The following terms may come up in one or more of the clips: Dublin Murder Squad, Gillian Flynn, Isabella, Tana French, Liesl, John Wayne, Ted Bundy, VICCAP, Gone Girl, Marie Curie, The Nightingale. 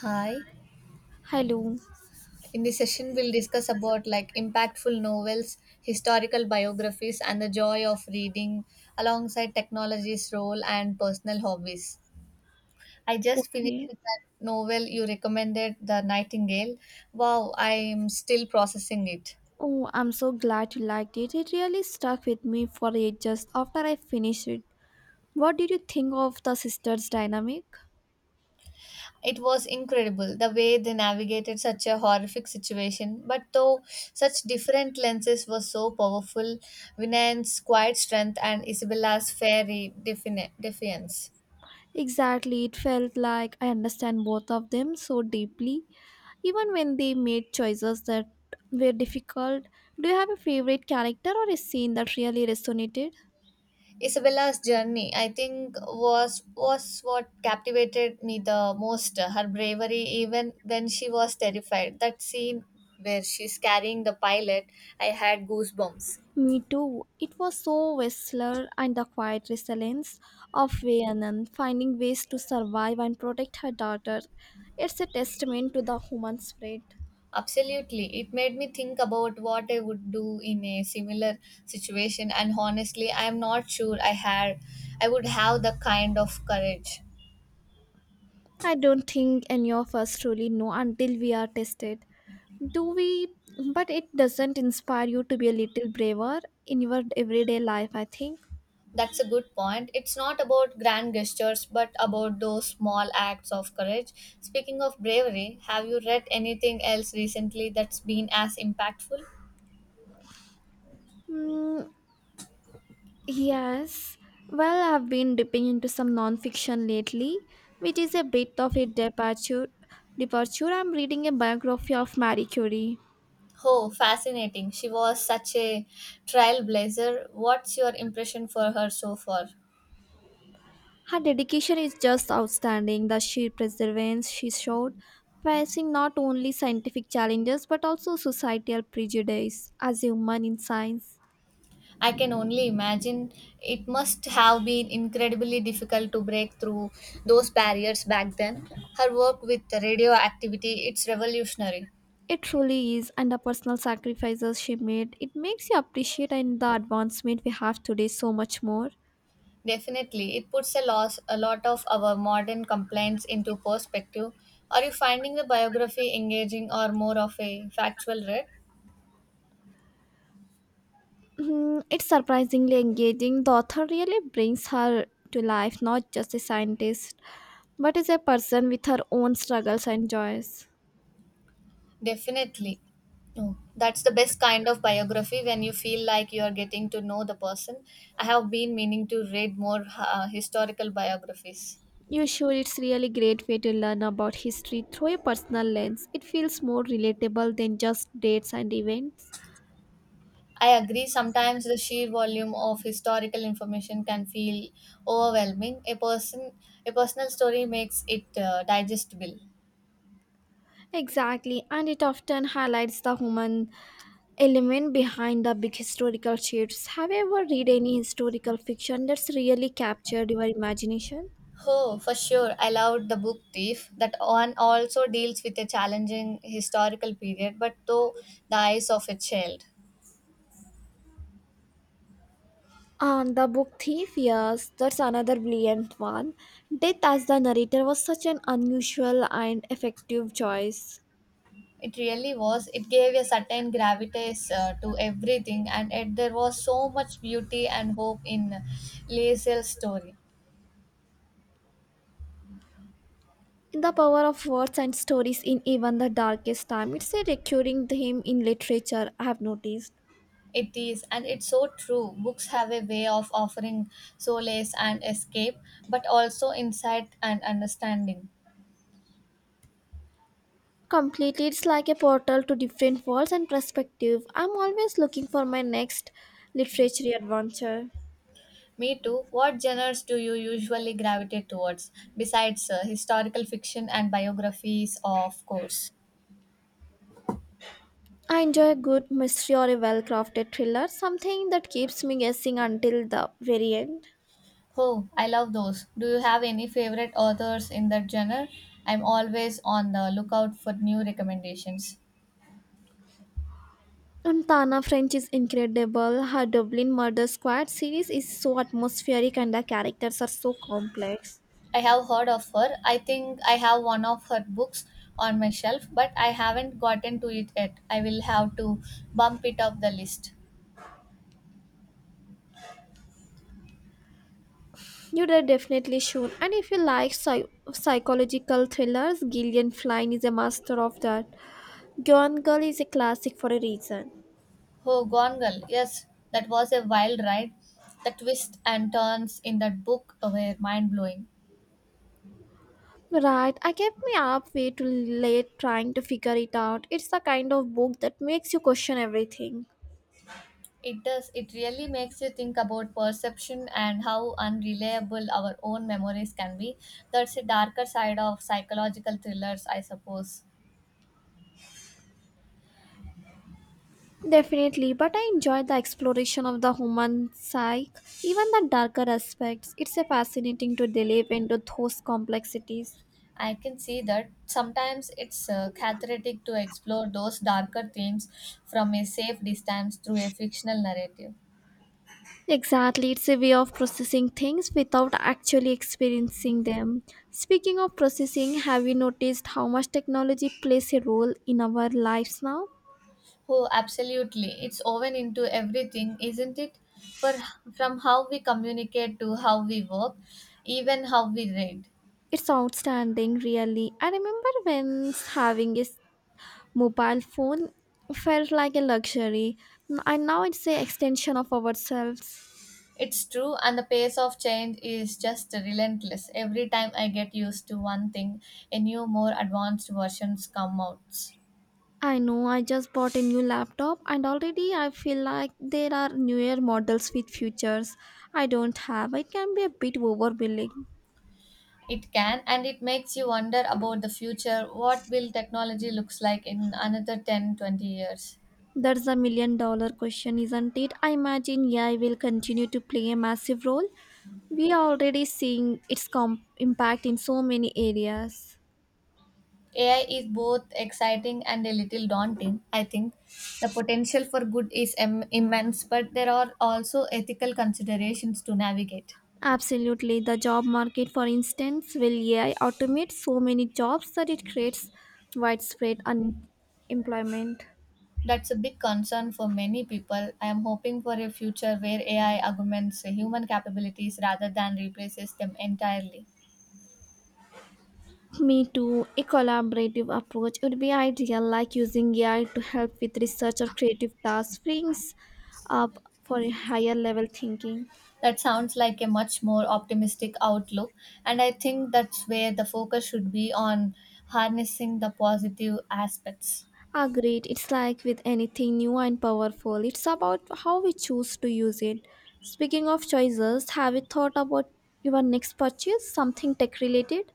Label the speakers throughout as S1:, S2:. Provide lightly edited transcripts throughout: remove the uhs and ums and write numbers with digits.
S1: Hi.
S2: Hello.
S1: In this session, we'll discuss about like impactful novels, historical biographies, and the joy of reading alongside technology's role and personal hobbies. I just finished
S2: Okay.
S1: with that novel you recommended, The Nightingale. Wow, I'm still processing it.
S2: Oh, I'm so glad you liked it. It really stuck with me for ages after I finished it. What did you think of the sisters' dynamic?
S1: It was incredible the way they navigated such a horrific situation, but though such different lenses were so powerful, Vinay's quiet strength and Isabella's fairy defiance.
S2: Exactly. It felt like I understand both of them so deeply, even when they made choices that were difficult. Do you have a favorite character or a scene that really resonated?
S1: Isabella's journey, I think, was what captivated me the most. Her bravery, even when she was terrified. That scene where she's carrying the pilot, I had goosebumps.
S2: Me too. It was so Whistler and the quiet resilience of Rhiannon finding ways to survive and protect her daughter. It's a testament to the human spirit.
S1: Absolutely, it made me think about what I would do in a similar situation, and honestly, I am not sure I had, I would have the kind of courage.
S2: I don't think any of us truly know until we are tested. Do we? But it doesn't inspire you to be a little braver in your everyday life, I think.
S1: That's a good point. It's not about grand gestures, but about those small acts of courage. Speaking of bravery, have you read anything else recently that's been as impactful?
S2: Hmm, Yes. Well, I've been dipping into some nonfiction lately, which is a bit of a departure. I'm reading a biography of Marie Curie.
S1: Oh, fascinating. She was such a trailblazer. What's your impression for her so far?
S2: Her dedication is just outstanding. The sheer perseverance she showed, facing not only scientific challenges but also societal prejudice as a woman in science.
S1: I can only imagine it must have been incredibly difficult to break through those barriers back then. Her work with radioactivity, it's revolutionary.
S2: It truly is, and the personal sacrifices she made, it makes you appreciate and the advancement we have today so much more.
S1: Definitely, it puts a lot of our modern complaints into perspective. Are you finding the biography engaging or more of a factual read?
S2: It's surprisingly engaging. The author really brings her to life, not just a scientist, but as a person with her own struggles and joys.
S1: Definitely. No, that's the best kind of biography when you feel like you are getting to know the person. I have been meaning to read more historical biographies.
S2: You sure it's really great way to learn about history through a personal lens. It feels more relatable than just dates and events.
S1: I agree, sometimes the sheer volume of historical information can feel overwhelming. A personal story makes it digestible.
S2: Exactly, and it often highlights the human element behind the big historical shifts. Have you ever read any historical fiction that's really captured your imagination?
S1: Oh, for sure. I loved the book Thief. That one also deals with a challenging historical period, but through the eyes of a child.
S2: And the book Thief, yes, that's another brilliant one. Death as the narrator was such an unusual and effective choice.
S1: It really was. It gave a certain gravitas to everything, and yet there was so much beauty and hope in Liesl's story.
S2: In the power of words and stories in even the darkest time, it's a recurring theme in literature, I have noticed.
S1: It is, and it's so true. Books have a way of offering solace and escape, but also insight and understanding.
S2: Completely, it's like a portal to different worlds and perspective. I'm always looking for my next literary adventure.
S1: Me too. What genres do you usually gravitate towards, besides historical fiction and biographies, of course?
S2: I enjoy a good mystery or a well crafted thriller, something that keeps me guessing until the very end.
S1: Oh, I love those. Do you have any favorite authors in that genre? I'm always on the lookout for new recommendations.
S2: And Tana French is incredible. Her Dublin Murder Squad series is so atmospheric and the characters are so complex.
S1: I have heard of her. I think I have one of her books on my shelf, but I haven't gotten to it yet. I will have to bump it up the list.
S2: You are definitely should. And if you like psychological thrillers, Gillian Flynn is a master of that. Gone Girl is a classic for a reason.
S1: Oh, Gone Girl. Yes, that was a wild ride. The twists and turns in that book were mind blowing.
S2: Right, I kept me up way too late trying to figure it out. It's the kind of book that makes you question everything.
S1: It does, it really makes you think about perception and how unreliable our own memories can be. That's a darker side of psychological thrillers, I suppose.
S2: Definitely, but I enjoy the exploration of the human psyche, even the darker aspects. It's a fascinating to delve into those complexities.
S1: I can see that sometimes it's cathartic to explore those darker themes from a safe distance through a fictional narrative.
S2: Exactly, it's a way of processing things without actually experiencing them. Speaking of processing, have you noticed how much technology plays a role in our lives now?
S1: Oh, absolutely. It's woven into everything, isn't it? For From how we communicate to how we work, even how we read.
S2: It's outstanding, really. I remember when having a mobile phone felt like a luxury, and now it's an extension of ourselves.
S1: It's true, and the pace of change is just relentless. Every time I get used to one thing, a new, more advanced versions come out.
S2: I know I just bought a new laptop and already I feel like there are newer models with features I don't have. It can be a bit overwhelming.
S1: It can, and it makes you wonder about the future. What will technology looks like in another 10, 20 years?
S2: That's a million dollar question, isn't it? I imagine AI will continue to play a massive role. We are already seeing its impact in so many areas.
S1: AI is both exciting and a little daunting. I think the potential for good is immense, but there are also ethical considerations to navigate.
S2: Absolutely. The job market, for instance, will AI automate so many jobs that it creates widespread unemployment.
S1: That's a big concern for many people. I am hoping for a future where AI augments human capabilities rather than replaces them entirely.
S2: Me too. A collaborative approach would be ideal, like using AI to help with research or creative tasks, freeing up for a higher level thinking.
S1: That sounds like a much more optimistic outlook, and I think that's where the focus should be on harnessing the positive aspects.
S2: Agreed. It's like with anything new and powerful, it's about how we choose to use it. Speaking of choices, have you thought about your next purchase? Something tech related?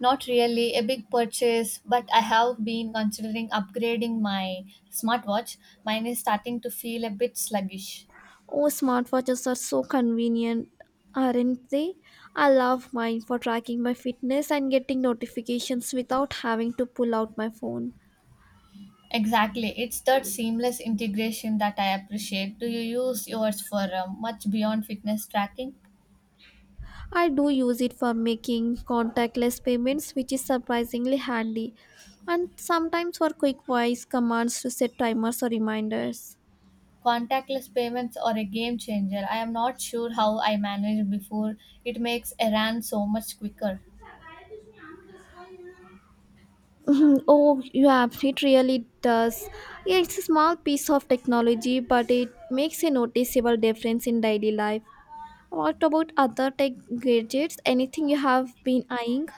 S1: Not really a big purchase, but I have been considering upgrading my smartwatch. Mine is starting to feel a bit sluggish.
S2: Oh, smartwatches are so convenient, aren't they? I love mine for tracking my fitness and getting notifications without having to pull out my phone.
S1: Exactly, it's that seamless integration that I appreciate. Do you use yours for much beyond fitness tracking?
S2: I do use it for making contactless payments, which is surprisingly handy, and sometimes for quick voice commands to set timers or reminders.
S1: Contactless payments are a game changer. I am not sure how I managed before. It makes a run so much quicker.
S2: Mhm. Oh, yeah, it really does. Yeah, it's a small piece of technology, but it makes a noticeable difference in daily life. What about other tech gadgets? Anything you have been eyeing?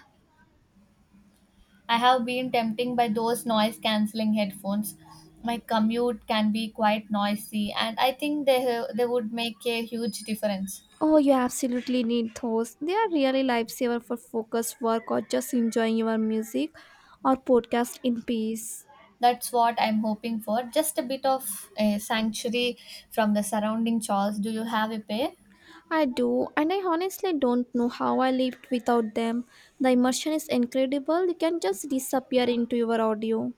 S1: I have been tempting by those noise cancelling headphones. My commute can be quite noisy and I think they would make a huge difference.
S2: Oh, you absolutely need those. They are really lifesaver for focused work or just enjoying your music or podcast in peace.
S1: That's what I'm hoping for. Just a bit of a sanctuary from the surrounding chores. Do you have a pair?
S2: I do, and I honestly don't know how I lived without them. The immersion is incredible. You can just disappear into your audio.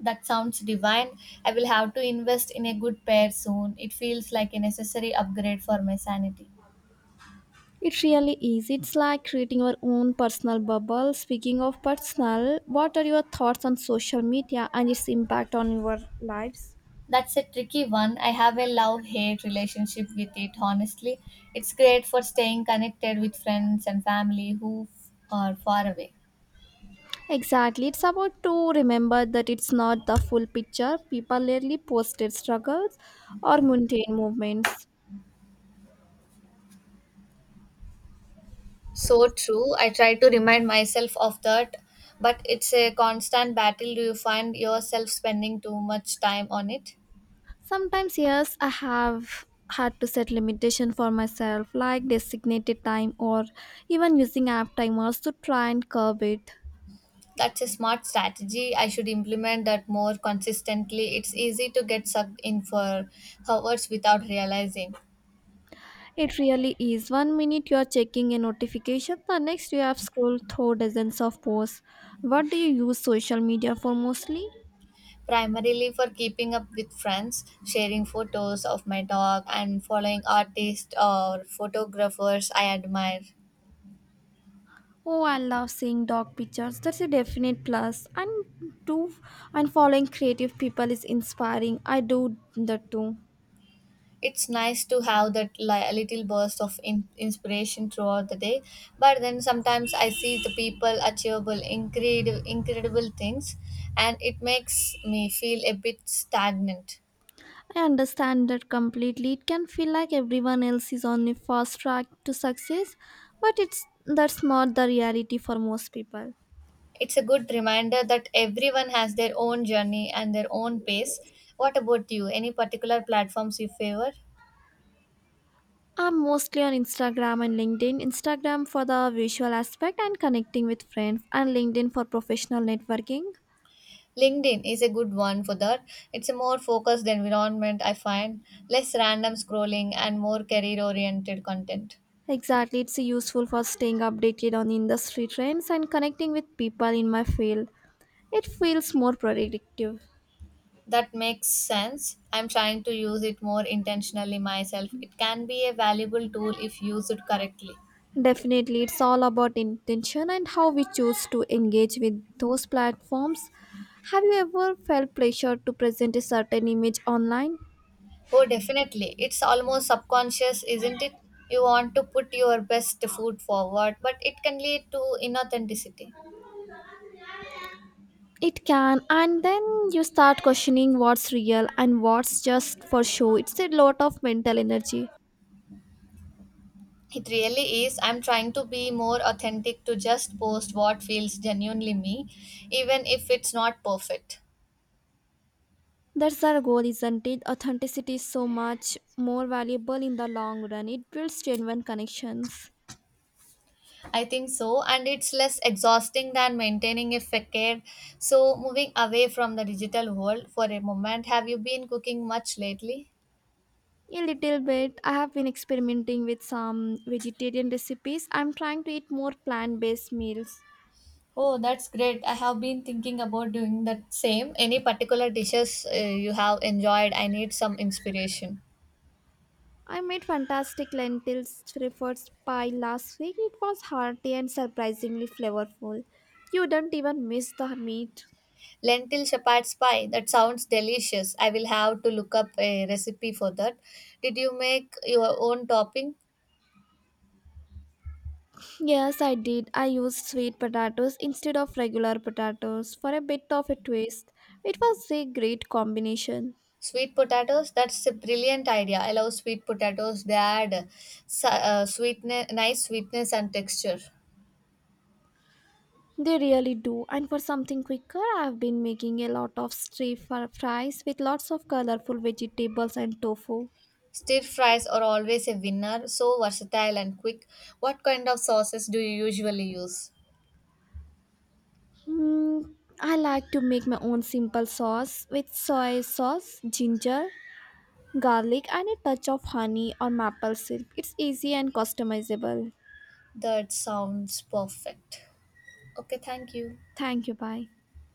S1: That sounds divine. I will have to invest in a good pair soon. It feels like a necessary upgrade for my sanity.
S2: It really is. It's like creating your own personal bubble. Speaking of personal, what are your thoughts on social media and its impact on your lives?
S1: That's a tricky one. I have a love hate relationship with it, honestly. It's great for staying connected with friends and family are far away.
S2: Exactly. It's about to remember that it's not the full picture. People rarely post their struggles or mundane movements.
S1: So true. I try to remind myself of that, but it's a constant battle. Do you find yourself spending too much time on it?
S2: Sometimes, yes, I have had to set limitation for myself, like designated time or even using app timers to try and curb it.
S1: That's a smart strategy. I should implement that more consistently. It's easy to get sucked in for hours without realizing.
S2: It really is. One minute you are checking a notification, the next you have scrolled through dozens of posts. What do you use social media for mostly?
S1: Primarily for keeping up with friends, sharing photos of my dog, and following artists or photographers I admire.
S2: Oh, I love seeing dog pictures. That's a definite plus. And following creative people is inspiring. I do that too.
S1: It's nice to have that little burst of inspiration throughout the day, but then sometimes I see the people achievable incredible things, and it makes me feel a bit stagnant.
S2: I understand that completely. It can feel like everyone else is on the fast track to success, but it's that's not the reality for most people.
S1: It's a good reminder that everyone has their own journey and their own pace. What about you? Any particular platforms you favor?
S2: I'm mostly on Instagram and LinkedIn. Instagram for the visual aspect and connecting with friends, and LinkedIn for professional networking.
S1: LinkedIn is a good one for that. It's a more focused environment, I find, less random scrolling and more career oriented content.
S2: Exactly, it's useful for staying updated on industry trends and connecting with people in my field. It feels more productive.
S1: That makes sense. I'm trying to use it more intentionally myself. It can be a valuable tool if used correctly.
S2: Definitely, it's all about intention and how we choose to engage with those platforms. Have you ever felt pressure to present a certain image online?
S1: Oh, definitely. It's almost subconscious, isn't it? You want to put your best foot forward, but it can lead to inauthenticity.
S2: It can, and then you start questioning what's real and what's just for show. It's a lot of mental energy.
S1: It really is. I'm trying to be more authentic to just post what feels genuinely me, even if it's not perfect.
S2: That's our goal, isn't it? Authenticity is so much more valuable in the long run. It builds genuine connections.
S1: I think so, and it's less exhausting than maintaining a facade. So, moving away from the digital world for a moment, have you been cooking much lately?
S2: A little bit. I have been experimenting with some vegetarian recipes. I'm trying to eat more plant based meals.
S1: Oh, that's great. I have been thinking about doing the same. Any particular dishes you have enjoyed? I need some inspiration.
S2: I made fantastic lentils fritters pie last week. It was hearty and surprisingly flavorful. You don't even miss the meat.
S1: Lentil shepherd's pie. That sounds delicious. I will have to look up a recipe for that. Did you make your own topping?
S2: Yes, I did. I used sweet potatoes instead of regular potatoes for a bit of a twist. It was a great combination.
S1: Sweet potatoes. That's a brilliant idea. I love sweet potatoes. They add nice sweetness and texture.
S2: They really do. And for something quicker, I've been making a lot of stir fries with lots of colorful vegetables and tofu.
S1: Stir fries are always a winner. So versatile and quick. What kind of sauces do you usually use?
S2: Hmm, I like to make my own simple sauce with soy sauce, ginger, garlic, and a touch of honey or maple syrup. It's easy and customizable.
S1: That sounds perfect. Okay, thank you.
S2: Thank you. Bye.